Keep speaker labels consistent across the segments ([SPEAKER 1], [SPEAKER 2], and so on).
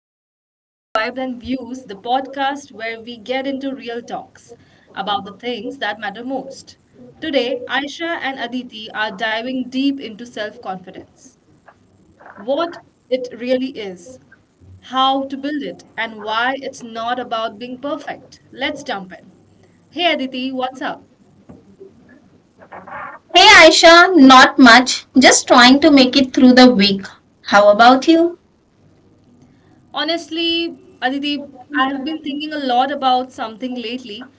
[SPEAKER 1] welcome back to Vibrant Views, the podcast where we get into real talks about the things that matter most. Today, Aisha and Aditi are diving deep into self confidence, what it really is, how to build it, and why it's not about being perfect. Let's jump in. Hey Aditi, what's up?
[SPEAKER 2] Hey Aisha, not much. Just trying to make it through the week. How about you?
[SPEAKER 1] Honestly, Aditi, I have been thinking a lot about something lately.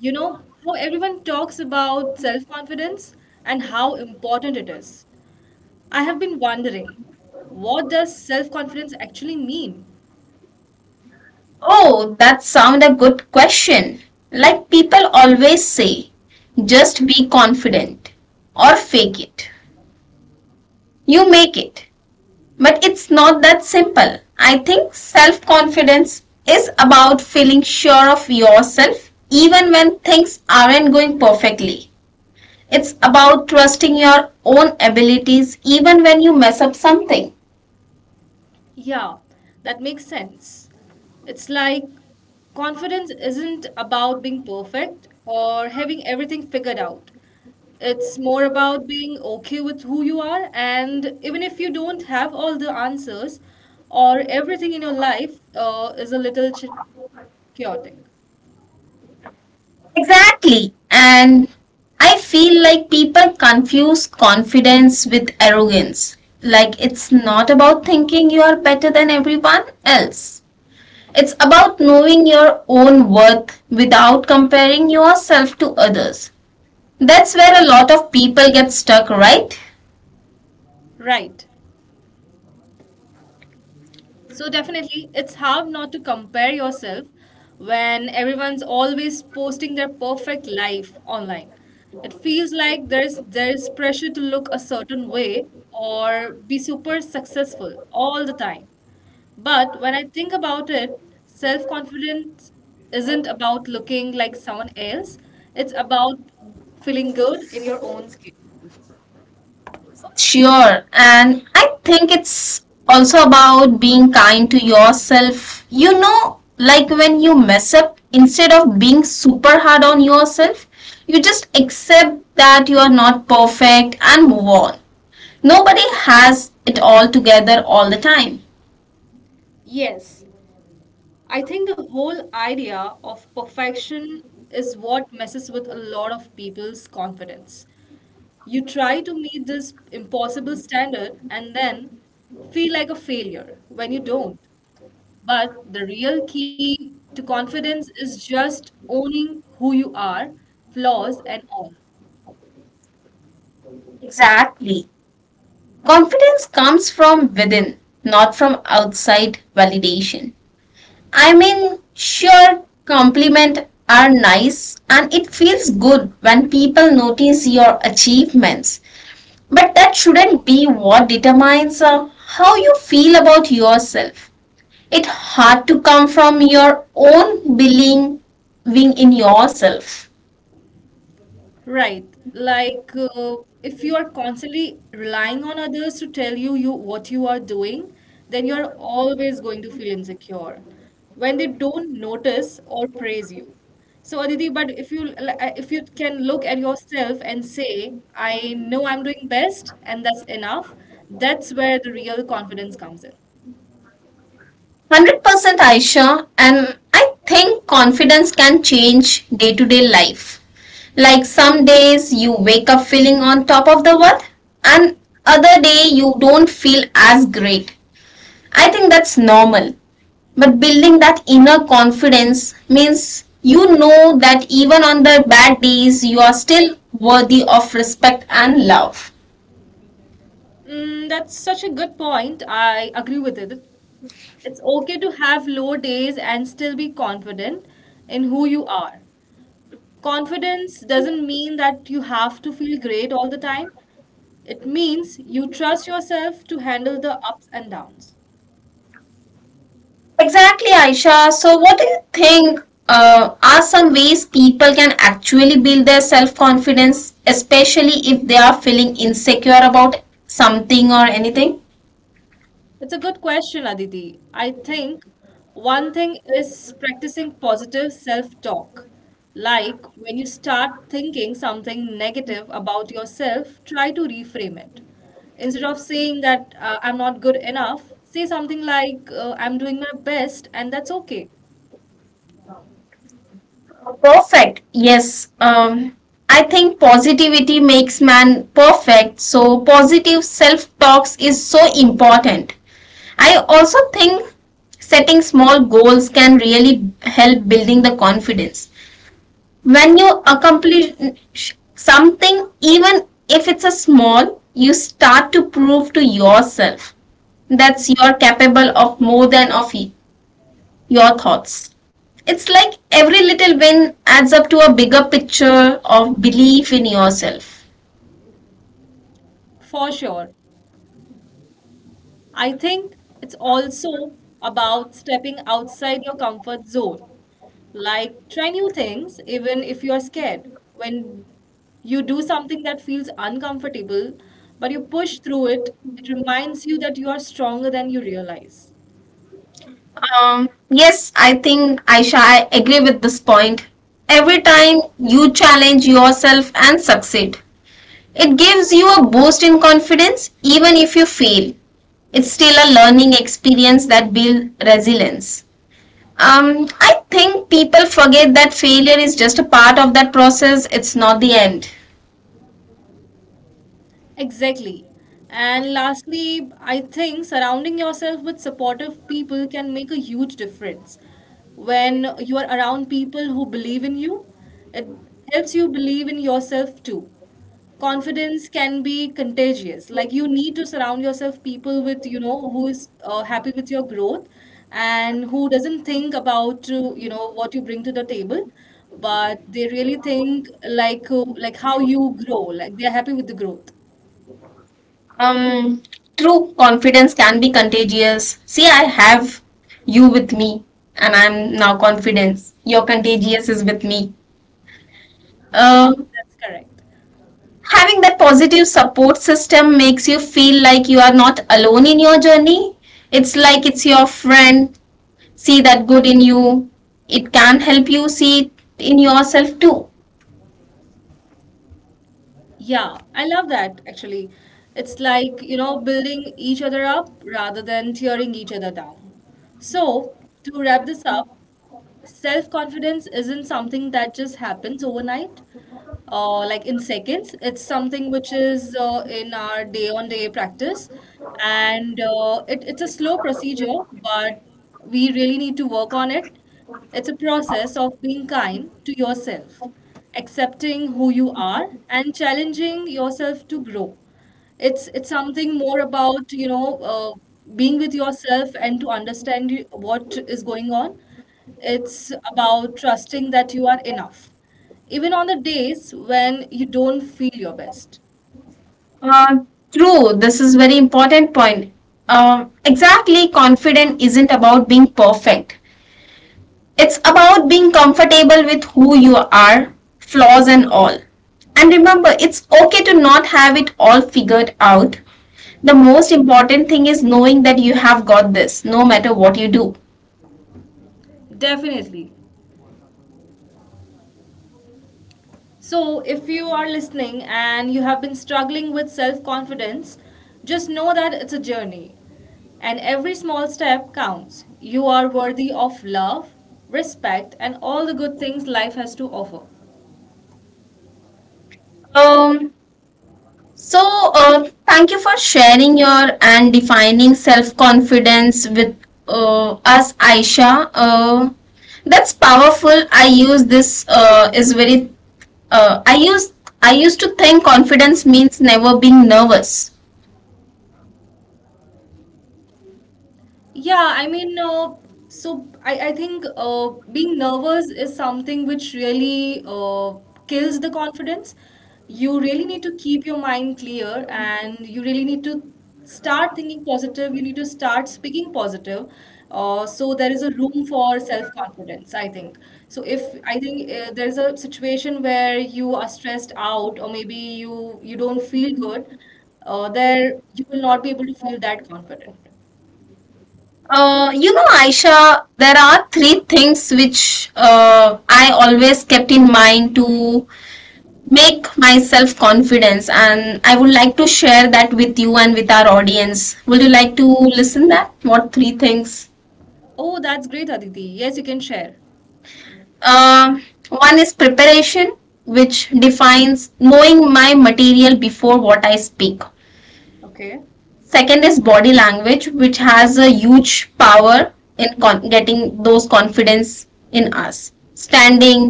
[SPEAKER 1] You know, how everyone talks about self-confidence and how important it is. I have been wondering, what does self-confidence actually mean?
[SPEAKER 2] Oh, that sounds a good question. Like people always say, just be confident or fake it. You make it. But it's not that simple. I think self confidence is about feeling sure of yourself even when things aren't going perfectly. It's about trusting your own abilities even when you mess up something.
[SPEAKER 1] Yeah, that makes sense. It's like confidence isn't about being perfect or having everything figured out. It's more about being okay with who you are, and even if you don't have all the answers or everything in your life is a little chaotic.
[SPEAKER 2] Exactly. And I feel like people confuse confidence with arrogance. Like it's not about thinking you are better than everyone else. It's about knowing your own worth without comparing yourself to others. That's where a lot of people get stuck, right?
[SPEAKER 1] Right. So definitely, it's hard not to compare yourself when everyone's always posting their perfect life online. It feels like there's pressure to look a certain way or be super successful all the time. But when I think about it, self confidence isn't about looking like someone else. It's about feeling good in your own skin.
[SPEAKER 2] Sure. And I think it's also about being kind to yourself. You know, like when you mess up, instead of being super hard on yourself, you just accept that you are not perfect and move on. Nobody has it all together all the time.
[SPEAKER 1] Yes, I think the whole idea of perfection is what messes with a lot of people's confidence. You try to meet this impossible standard and then feel like a failure when you don't. But the real key to confidence is just owning who you are, flaws and all.
[SPEAKER 2] Exactly. Confidence comes from within, not from outside validation. I mean, sure, compliments are nice and it feels good when people notice your achievements, but that shouldn't be what determines how you feel about yourself. It had to come from your own believing in yourself.
[SPEAKER 1] Right. Like, uh, if you are constantly relying on others to tell you, you what you are doing, then you're always going to feel insecure when they don't notice or praise you. So, Aditi, but if you if you can look at yourself and say, "I know I'm doing best, and that's enough," that's where the real confidence comes in.
[SPEAKER 2] 100% Aisha, and I think confidence can change day to day life. Like some days you wake up feeling on top of the world and other day you don't feel as great. I think that's normal. But building that inner confidence means you know that even on the bad days you are still worthy of respect and love.
[SPEAKER 1] That's such a good point. I agree with it. It's okay to have low days and still be confident in who you are. Confidence doesn't mean that you have to feel great all the time. It means you trust yourself to handle the ups and downs.
[SPEAKER 2] Exactly, Aisha. So, what do you think are some ways people can actually build their self confidence, especially if they are feeling insecure about something or anything?
[SPEAKER 1] It's a good question, Aditi. I think one thing is practicing positive self talk. Like when you start thinking something negative about yourself, try to reframe it. Instead of saying that I'm not good enough, say something like I'm doing my best and that's okay.
[SPEAKER 2] Perfect. Yes. I think positivity makes man perfect. So positive self-talks is so important. I also think setting small goals can really help building the confidence. When you accomplish something, even if it's a small, you start to prove to yourself that you're capable of more than of your thoughts. It's like every little win adds up to a bigger picture of belief in yourself.
[SPEAKER 1] For sure. I think it's also about stepping outside your comfort zone. Like try new things even if you're scared. When you do something that feels uncomfortable, but you push through it, it reminds you that you are stronger than you realize.
[SPEAKER 2] Yes, I think Aisha, I agree with this point. Every time you challenge yourself and succeed, it gives you a boost in confidence even if you fail it's still a learning experience that builds resilience. I think people forget that failure is just a part of that process, it's not the end.
[SPEAKER 1] Exactly. And lastly, I think surrounding yourself with supportive people can make a huge difference. When you are around people who believe in you, it helps you believe in yourself too. Confidence can be contagious. Like you need to surround yourself people with you know who is happy with your growth and who doesn't think about you know what you bring to the table, but they really think like how you grow. Like they are happy with the growth.
[SPEAKER 2] Um, True confidence can be contagious. See, I have you with me, and I'm now confident. Your contagious is with me.
[SPEAKER 1] Huh,
[SPEAKER 2] Uh,
[SPEAKER 1] that's correct.
[SPEAKER 2] Having that positive support system makes you feel like you are not alone in your journey. It's like it's your friend. See that good in you. It can help you see it in yourself too.
[SPEAKER 1] Yeah, I love that actually. It's like, you know, building each other up rather than tearing each other down. So, to wrap this up, self confidence isn't something that just happens overnight, like in seconds, it's something which is in our day on day practice, and it's a slow procedure, but we really need to work on it. It's a process of being kind to yourself, accepting who you are and challenging yourself to grow. It's something more about being with yourself and to understand what is going on. It's about trusting that you are enough, even on the days when you don't feel your best.
[SPEAKER 2] Uh, True, this is very important point. Exactly, confident isn't about being perfect. It's about being comfortable with who you are, flaws and all. And remember, it's okay to not have it all figured out. The most important thing is knowing that you have got this no matter what you do.
[SPEAKER 1] Definitely. So, if you are listening and you have been struggling with self confidence, just know that it's a journey and every small step counts. You are worthy of love, respect, and all the good things life has to offer.
[SPEAKER 2] Um, So, thank you for sharing your and defining self confidence with us, Aisha. That's powerful. I use this is very. Uh, I use I used to think confidence means never being nervous.
[SPEAKER 1] Yeah, I mean, uh, I think being nervous is something which really kills the confidence. You really need to keep your mind clear and you really need to start thinking positive. You need to start speaking positive. So there is a room for self-confidence, I think. So if I think there is a situation where you are stressed out or maybe you don't feel good, there you will not be able to feel that confident.
[SPEAKER 2] You know, Aisha, there are three things which I always kept in mind to make myself confidence and I would like to share that with you and with our audience would you like to listen that what three things
[SPEAKER 1] Oh, that's great, Aditi. Yes, you can share.
[SPEAKER 2] uh, one is preparation which defines knowing my material before what I speak
[SPEAKER 1] Okay.
[SPEAKER 2] second is body language which has a huge power in getting those confidence in us standing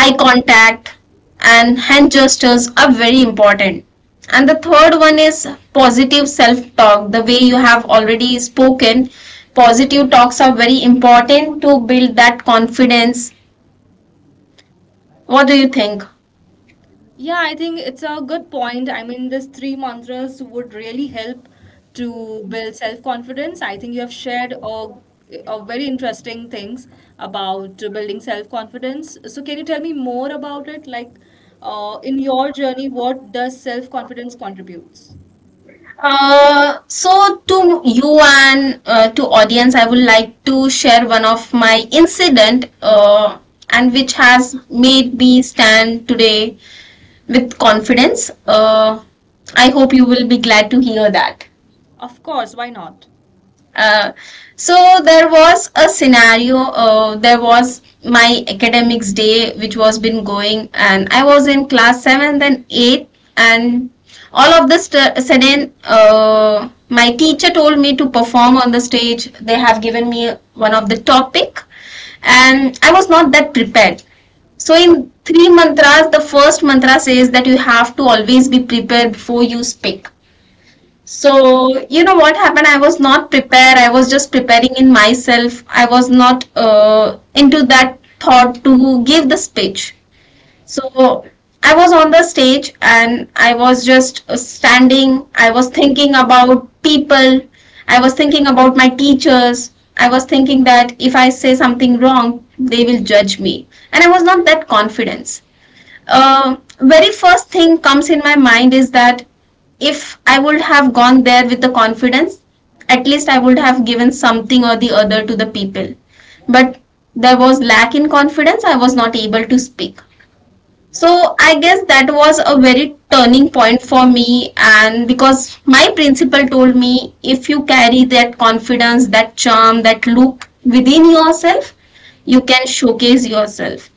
[SPEAKER 2] eye contact and hand gestures are very important and the third one is positive self talk the way you have already spoken positive talks are very important to build that confidence what do you think
[SPEAKER 1] Yeah, I think it's a good point. I mean, these three mantras would really help to build self-confidence. I think you have shared a very interesting things about building self-confidence. So can you tell me more about it? In your journey, what does self-confidence contributes?
[SPEAKER 2] so to you and to audience I would like to share one of my incident and which has made me stand today with confidence. I hope you will be glad to hear that.
[SPEAKER 1] Of course, why not?
[SPEAKER 2] Uh, so there was a scenario there was my academics day which was been going and I was in class 7th and 8th and all of this sudden my teacher told me to perform on the stage they have given me one of the topic and I was not that prepared so in three mantras the first mantra says that you have to always be prepared before you speak so, you know what happened? I was not prepared. I was just preparing in myself. I was not into that thought to give the speech. So, I was on the stage and I was just standing. I was thinking about people. I was thinking about my teachers. I was thinking that if I say something wrong, they will judge me. And I was not that confident very first thing comes in my mind is that if I would have gone there with the confidence, at least I would have given something or the other to the people. But there was lack in confidence, I was not able to speak. So I guess that was a very turning point for me, and because my principal told me if you carry that confidence, that charm, that look within yourself, you can showcase yourself.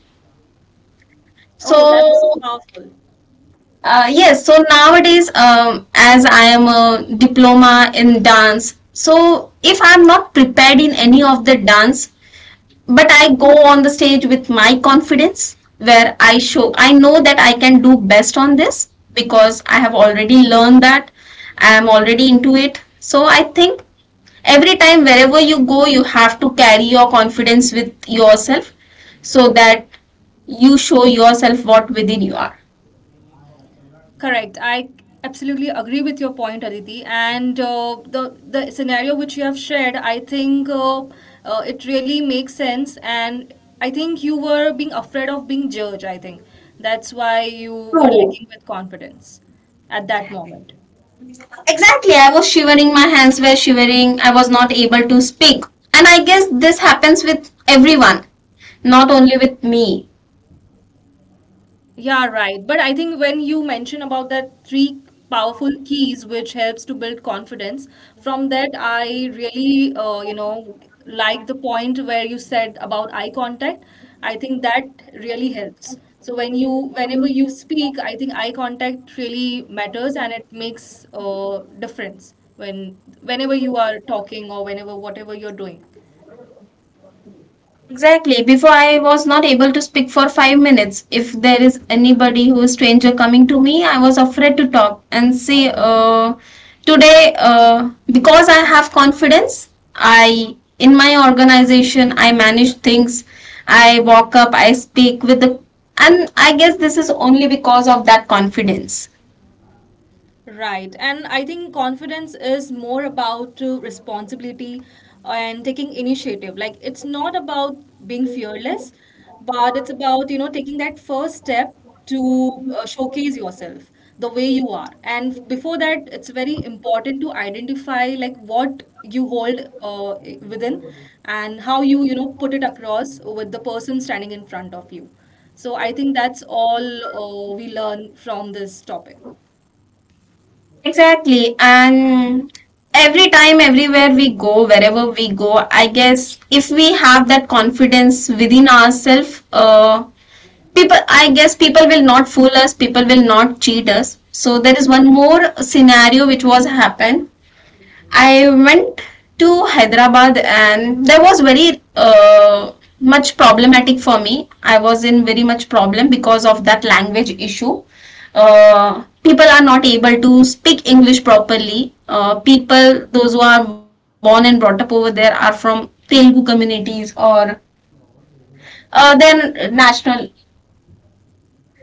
[SPEAKER 1] Oh, that's
[SPEAKER 2] So
[SPEAKER 1] powerful.
[SPEAKER 2] Yes, so nowadays, as I am a diploma in dance, so if I'm not prepared in any of the dance, but I go on the stage with my confidence where I show, I know that I can do best on this because I have already learned that, I am already into it. So I think every time, wherever you go, you have to carry your confidence with yourself so that you show yourself what within you are.
[SPEAKER 1] Correct. I absolutely agree with your point, Aditi. And The scenario which you have shared, I think, it really makes sense. And I think you were being afraid of being judged. I think that's why you were
[SPEAKER 2] True.
[SPEAKER 1] lacking with confidence at that moment.
[SPEAKER 2] Exactly. I was shivering. My hands were shivering. I was not able to speak. And I guess this happens with everyone, not only with me.
[SPEAKER 1] Yeah, right. But I think when you mention about that three powerful keys which helps to build confidence, from that I really, you know, like the point where you said about eye contact. I think that really helps. So when you, whenever you speak, I think eye contact really matters and it makes difference when whenever you are talking or whenever whatever you're doing.
[SPEAKER 2] Exactly. Before I was not able to speak for 5 minutes. If there is anybody who is stranger coming to me, I was afraid to talk and say, today, because I have confidence, I in my organization, I manage things. I walk up, I speak with the, and I guess this is only because of that confidence.
[SPEAKER 1] Right. And I think confidence is more about responsibility and taking initiative. Like it's not about being fearless, but it's about, you know, taking that first step to showcase yourself the way you are. And before that, it's very important to identify like what you hold within and how you, you know, put it across with the person standing in front of you. So I think that's all we learn from this topic.
[SPEAKER 2] Exactly. And every time, everywhere we go, wherever we go, I guess if we have that confidence within ourselves, people, I guess people will not fool us, people will not cheat us. So there is one more scenario which was happened. I went to Hyderabad and there was very much problematic for me. I was in very much problem because of that language issue. People are not able to speak English properly. People, those who are born and brought up over there, are from Telugu communities or then national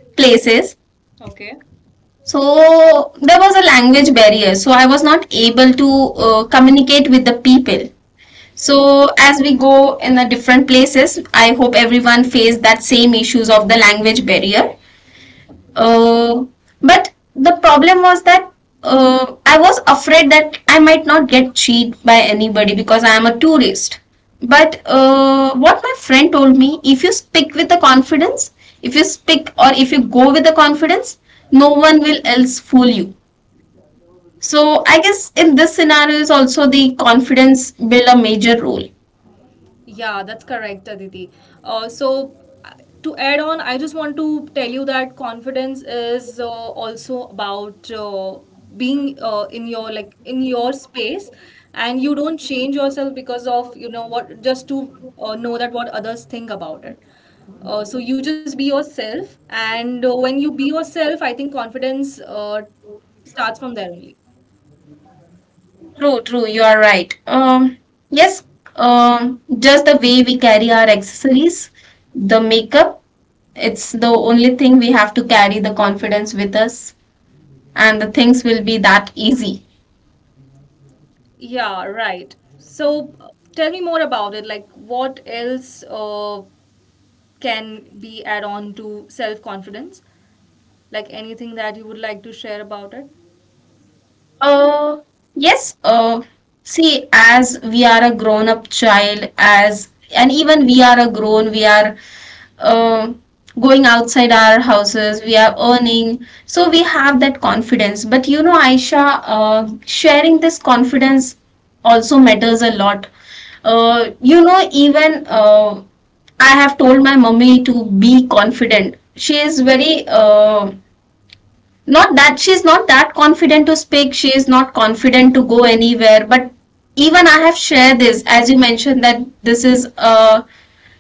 [SPEAKER 2] places.
[SPEAKER 1] Okay.
[SPEAKER 2] So there was a language barrier. So I was not able to communicate with the people so as we go in the different places I hope everyone faced that same issues of the language barrier uh, but the problem was that I was afraid that I might not get cheated by anybody because I am a tourist but what my friend told me if you speak with the confidence if you speak or if you go with the confidence no one will else fool you so I guess in this scenario is also the confidence build a major role
[SPEAKER 1] Yeah, that's correct, Aditi. Uh, so, uh, to add on, I just want to tell you that confidence is also about being in your, like, in your space, and you don't change yourself because of, you know, what just to know that what others think about it. So you just be yourself, and when you be yourself, I think confidence starts from there only.
[SPEAKER 2] True, true, you are right. Yes, just the way we carry our accessories, the makeup, it's the only thing we have to carry the confidence with us, and the things will be that easy.
[SPEAKER 1] Yeah, right. Tell me more about it. Like, what else can be add on to self confidence? Like anything that you would like to share about it?
[SPEAKER 2] Uh, yes, uh, See, as we are a grown-up child, as and even we are a grown, we are uh, going outside our houses we are earning so we have that confidence but you know aisha sharing this confidence also matters a lot you know even I have told my mummy to be confident she is very not that she's not that confident to speak she is not confident to go anywhere but even I have shared this as you mentioned that this is a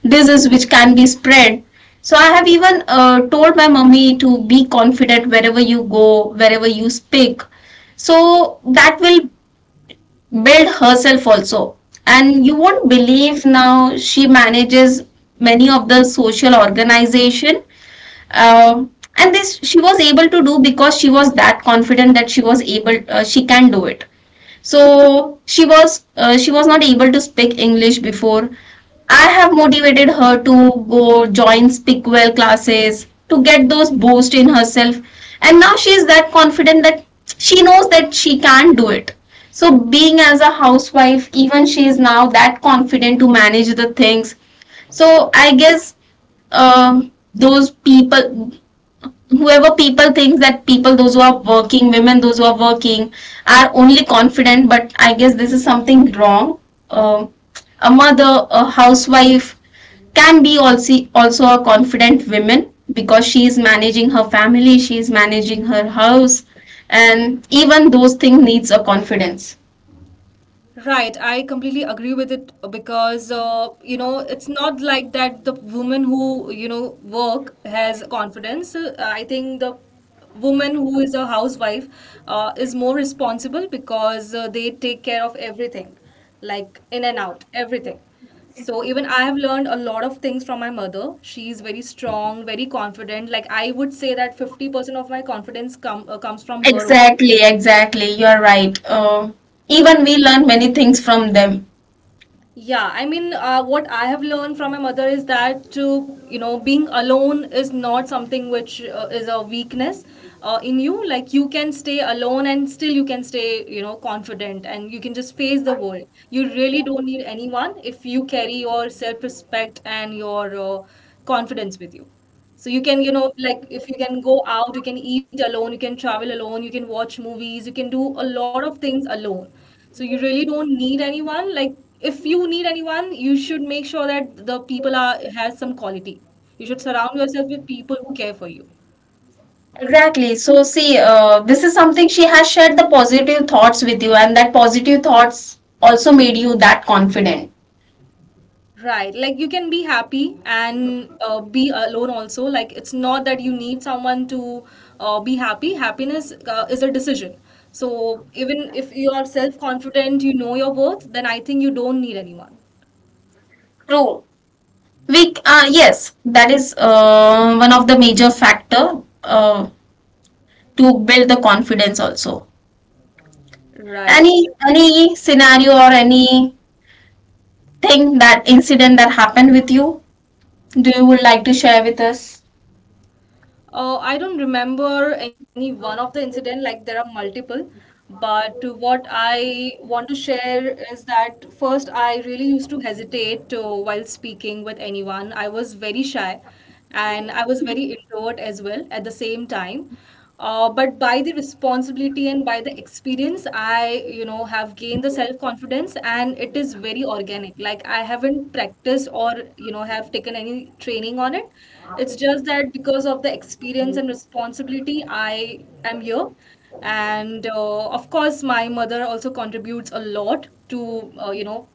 [SPEAKER 2] disease which can be spread so I have even told my mummy to be confident wherever you go wherever you speak so that will build herself also and you won't believe now she manages many of the social organization um and this she was able to do because she was that confident that she was able she can do it. So she was not able to speak English before. I have motivated her to go join Speakwell classes to get those boost in herself, and now she is that confident that she knows that she can do it. So being as a housewife, even she is now that confident to manage the things. So I guess those people whoever people thinks that people those who are working women those who are working are only confident, but I guess this is something wrong. um, a mother, a housewife can be also a confident woman because she is managing her family, she is managing her house, and even those things needs a confidence.
[SPEAKER 1] Right, I completely agree with it because you know it's not like that the woman who you know work has confidence. I think the woman who is a housewife is more responsible because they take care of everything, like in and out, everything. So even I have learned a lot of things from my mother. She is very strong, very confident. Like I would say that 50% of my confidence comes from her only.
[SPEAKER 2] Exactly, you are right, even we learn many things from them.
[SPEAKER 1] What I have learned from my mother is that, to you know, being alone is not something which is a weakness in you. Like you can stay alone and still you can stay, you know, confident, and you can just face the world. You really don't need anyone if you carry your self respect and your confidence with you. So you can, you know, like if you can go out, you can eat alone, you can travel alone, you can watch movies, you can do a lot of things alone. So you really don't need anyone. Like if you need anyone, you should make sure that the people are has some quality. You should surround yourself with people who care for you.
[SPEAKER 2] Exactly. So, see, this is something she has shared the positive thoughts with you, and that positive thoughts also made you that confident.
[SPEAKER 1] Right. Like you can be happy and be alone also. Like it's not that you need someone to be happy. Happiness is a decision. So even if you are self confident, you know your worth, then I think you don't need anyone.
[SPEAKER 2] True. We, yes, that is one of the major factor to build the confidence also.
[SPEAKER 1] Right.
[SPEAKER 2] Any scenario or any thing that incident that happened with you, do you would like to share with us?
[SPEAKER 1] I don't remember any one of the incident, like there are multiple, but what I want to share is that first I really used to hesitate to, while speaking with anyone. I was very shy and I was very introvert as well at the same time, but by the responsibility and by the experience I have gained the self confidence. And it is very organic. Like I haven't practiced or have taken any training on it. It's just that because of the experience and responsibility I am here. And of course my mother also contributes a lot to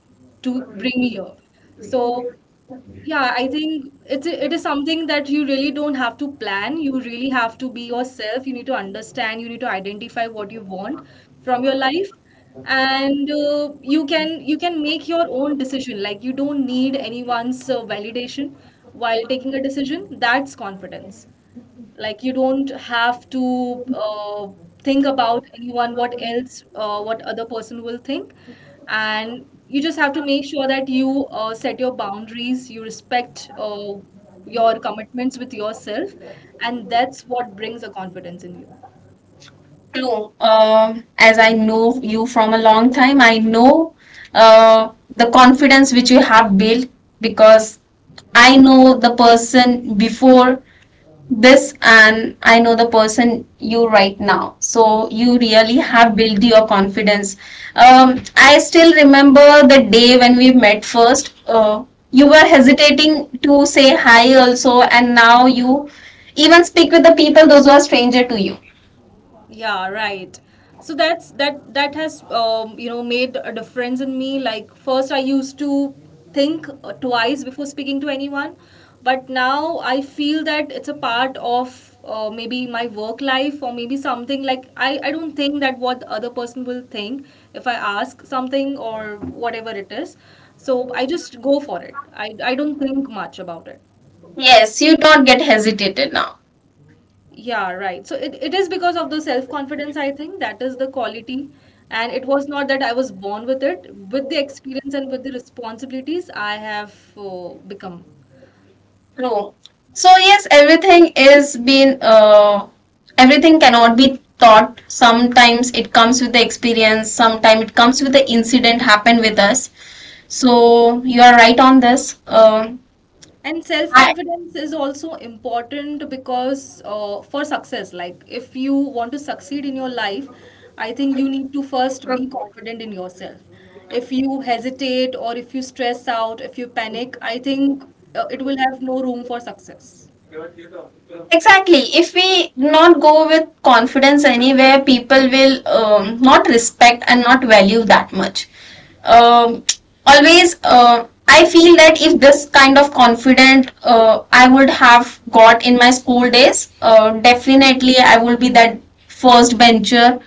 [SPEAKER 1] to bring me here. So yeah, I think it is something that you really don't have to plan. You really have to be yourself. You need to understand, you need to identify what you want from your life. And you can make your own decision. Like you don't need anyone's validation while taking a decision. That's confidence. Like you don't have to think about anyone, what else, what other person will think. And you just have to make sure that you set your boundaries, you respect your commitments with yourself, and that's what brings the confidence in you.
[SPEAKER 2] True. As I know you from a long time, I know uh, the confidence which you have built, because I know the person before this and I know the person you right now. So you really have built your confidence. I still remember the day when we met first. You were hesitating to say hi also, and now you even speak with the people those who are stranger to you.
[SPEAKER 1] Yeah, right. So that's that has made a difference in me. Like first I used to think twice before speaking to anyone. But now I feel that it's a part of maybe my work life or maybe something. Like I don't think that what the other person will think if I ask something or whatever it is. So I just go for it. I don't think much about it.
[SPEAKER 2] Yes, you do not get hesitated now.
[SPEAKER 1] Yeah, right. So it is because of the self-confidence, I think, that is the quality. And it was not that I was born with it. With the experience and with the responsibilities, I have become.
[SPEAKER 2] True. So yes, everything is been everything cannot be taught. Sometimes it comes with the experience. Sometimes it comes with the incident happened with us. So you are right on this.
[SPEAKER 1] And
[SPEAKER 2] I
[SPEAKER 1] self-confidence is also important because, for success, like if you want to succeed in your life, I think you need to first be confident in yourself. If you hesitate, or if you stress out, if you panic, I think it will have no room for success.
[SPEAKER 2] Exactly, if we not go with confidence anywhere, people will not respect and not value that much. um, Always I feel that if this kind of confident I would have got in my school days, definitely I would be that first venture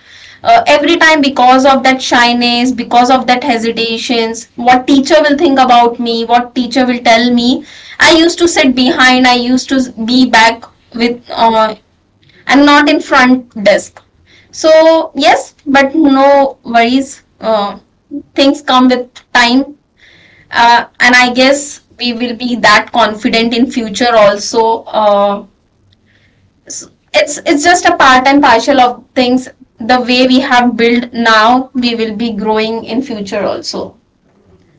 [SPEAKER 2] every time. Because of that shyness, because of that hesitations, what teacher will think about me, what teacher will tell me, I used to sit behind, I used to be back with, and not in front desk. So yes, but no worries, things come with time, and I guess we will be that confident in future also. It's just a part and partial of things. The way we have built now, we will be growing in future also.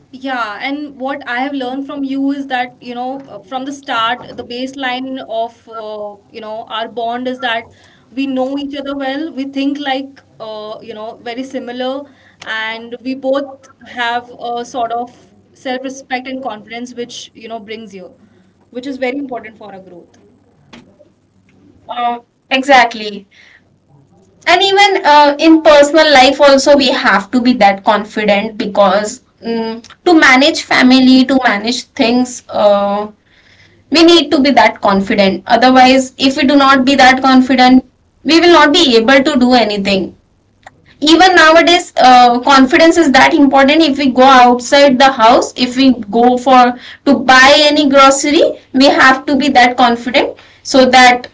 [SPEAKER 1] Yeah, and what I have learned from you is that, you know, from the start, the baseline of, our bond is that we know each other well, we think like, very similar, and we both have a sort of self-respect and confidence which, brings you, which is very important for our growth.
[SPEAKER 2] uh, exactly. And even in personal life also, we have to be that confident, because mm, to manage family, to manage things, we need to be that confident. Otherwise, if we do not be that confident, we will not be able to do anything. Even nowadays, confidence is that important. If we go outside the house, if we go for to buy any grocery, we have to be that confident, so that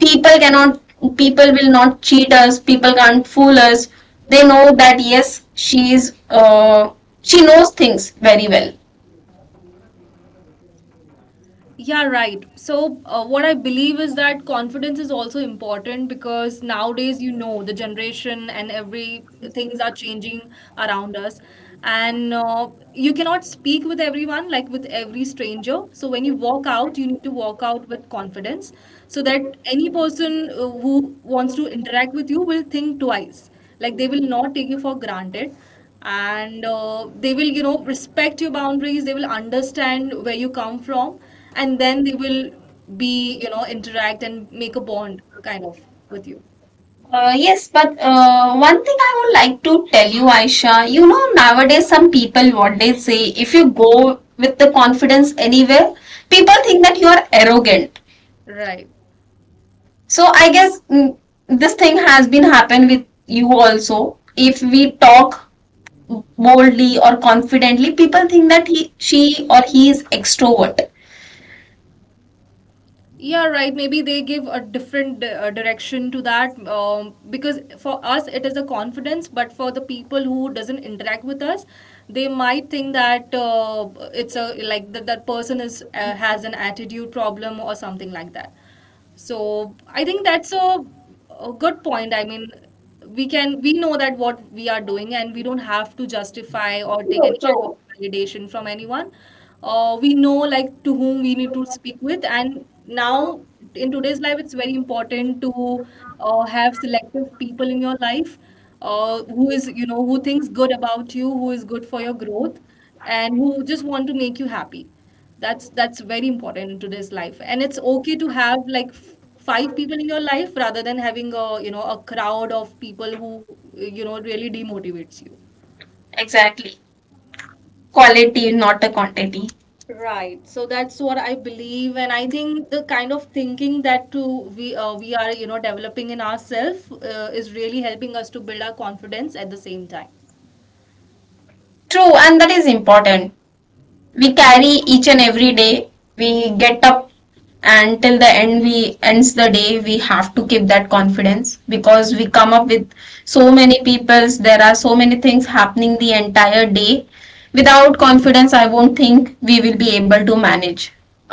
[SPEAKER 2] people cannot, people will not cheat us, people can't fool us. They know that yes, she is, she knows things very well.
[SPEAKER 1] Yeah, right. So, what I believe is that confidence is also important because nowadays, you know, the generation and every things are changing around us. And you cannot speak with everyone, like with every stranger. So when you walk out, you need to walk out with confidence so that any person who wants to interact with you will think twice. Like, they will not take you for granted, and they will, you know, respect your boundaries, they will understand where you come from, and then they will be, you know, interact and make a bond kind of with you.
[SPEAKER 2] Yes, but one thing I would like to tell you, Aisha, you know, nowadays some people what they say, if you go with the confidence anywhere, people think that you are arrogant.
[SPEAKER 1] Right.
[SPEAKER 2] So I guess this thing has been happened with you also. If we talk boldly or confidently, people think that he, she, or he is extrovert.
[SPEAKER 1] Yeah, right. Maybe they give a different direction to that, because for us it is a confidence, but for the people who doesn't interact with us, they might think that it's a like that person is has an attitude problem or something like that. So I think that's a good point. I mean, we know that what we are doing, and we don't have to justify or take any
[SPEAKER 2] So,
[SPEAKER 1] kind of
[SPEAKER 2] so
[SPEAKER 1] validation from anyone. We know like to whom we need to speak with, and now in today's life, it's very important to have selective people in your life, who is, you know, who thinks good about you, who is good for your growth, and who just want to make you happy. That's very important in today's life. And it's okay to have like five people in your life rather than having a, you know, a crowd of people who, you know, really demotivates you.
[SPEAKER 2] exactly, quality, not a quantity.
[SPEAKER 1] Right. So that's what I believe, and I think the kind of thinking that to we are, you know, developing in ourselves is really helping us to build our confidence at the same time.
[SPEAKER 2] True, and that is important. We carry each and every day, we get up, and till the end we ends the day, we have to keep that confidence, because we come up with so many peoples, there are so many things happening the entire day. Without confidence, I won't think we will be able to manage.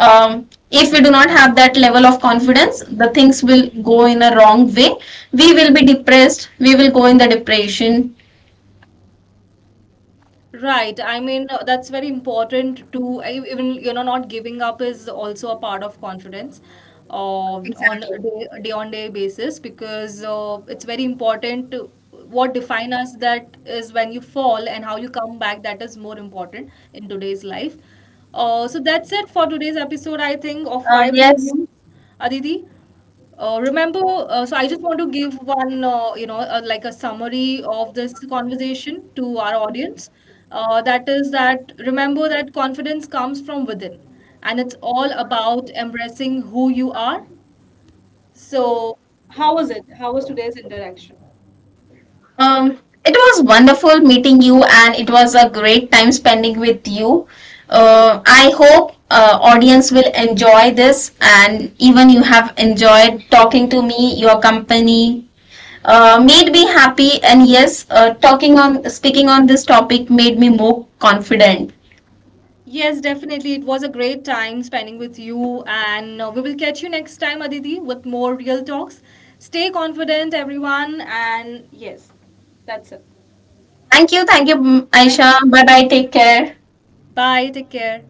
[SPEAKER 2] If we do not have that level of confidence, the things will go in a wrong way. We will be depressed, we will go in the depression.
[SPEAKER 1] Right. I mean, that's very important to even, you know, not giving up is also a part of confidence, uh, on
[SPEAKER 2] Exactly.
[SPEAKER 1] a day on day basis, because it's very important to what define us, that is when you fall and how you come back, that is more important in today's life. So that's it for today's episode, I think, of Vibes and
[SPEAKER 2] Yes.
[SPEAKER 1] Views. Aditi? Remember, I just want to give one, like a summary of this conversation to our audience. That is that remember that confidence comes from within, and it's all about embracing who you are. So, how was it? How was today's interaction?
[SPEAKER 2] Um, it was wonderful meeting you, and it was a great time spending with you. I hope audience will enjoy this, and even you have enjoyed talking to me. Your company made me happy, and yes, talking on speaking on this topic made me more confident.
[SPEAKER 1] Yes, definitely. It was a great time spending with you, and we will catch you next time, Aditi, with more real talks. Stay confident, everyone, and yes, that's it.
[SPEAKER 2] Thank you, thank you, Aisha.
[SPEAKER 1] Thank you.
[SPEAKER 2] Bye bye, take care.
[SPEAKER 1] Bye. Take care.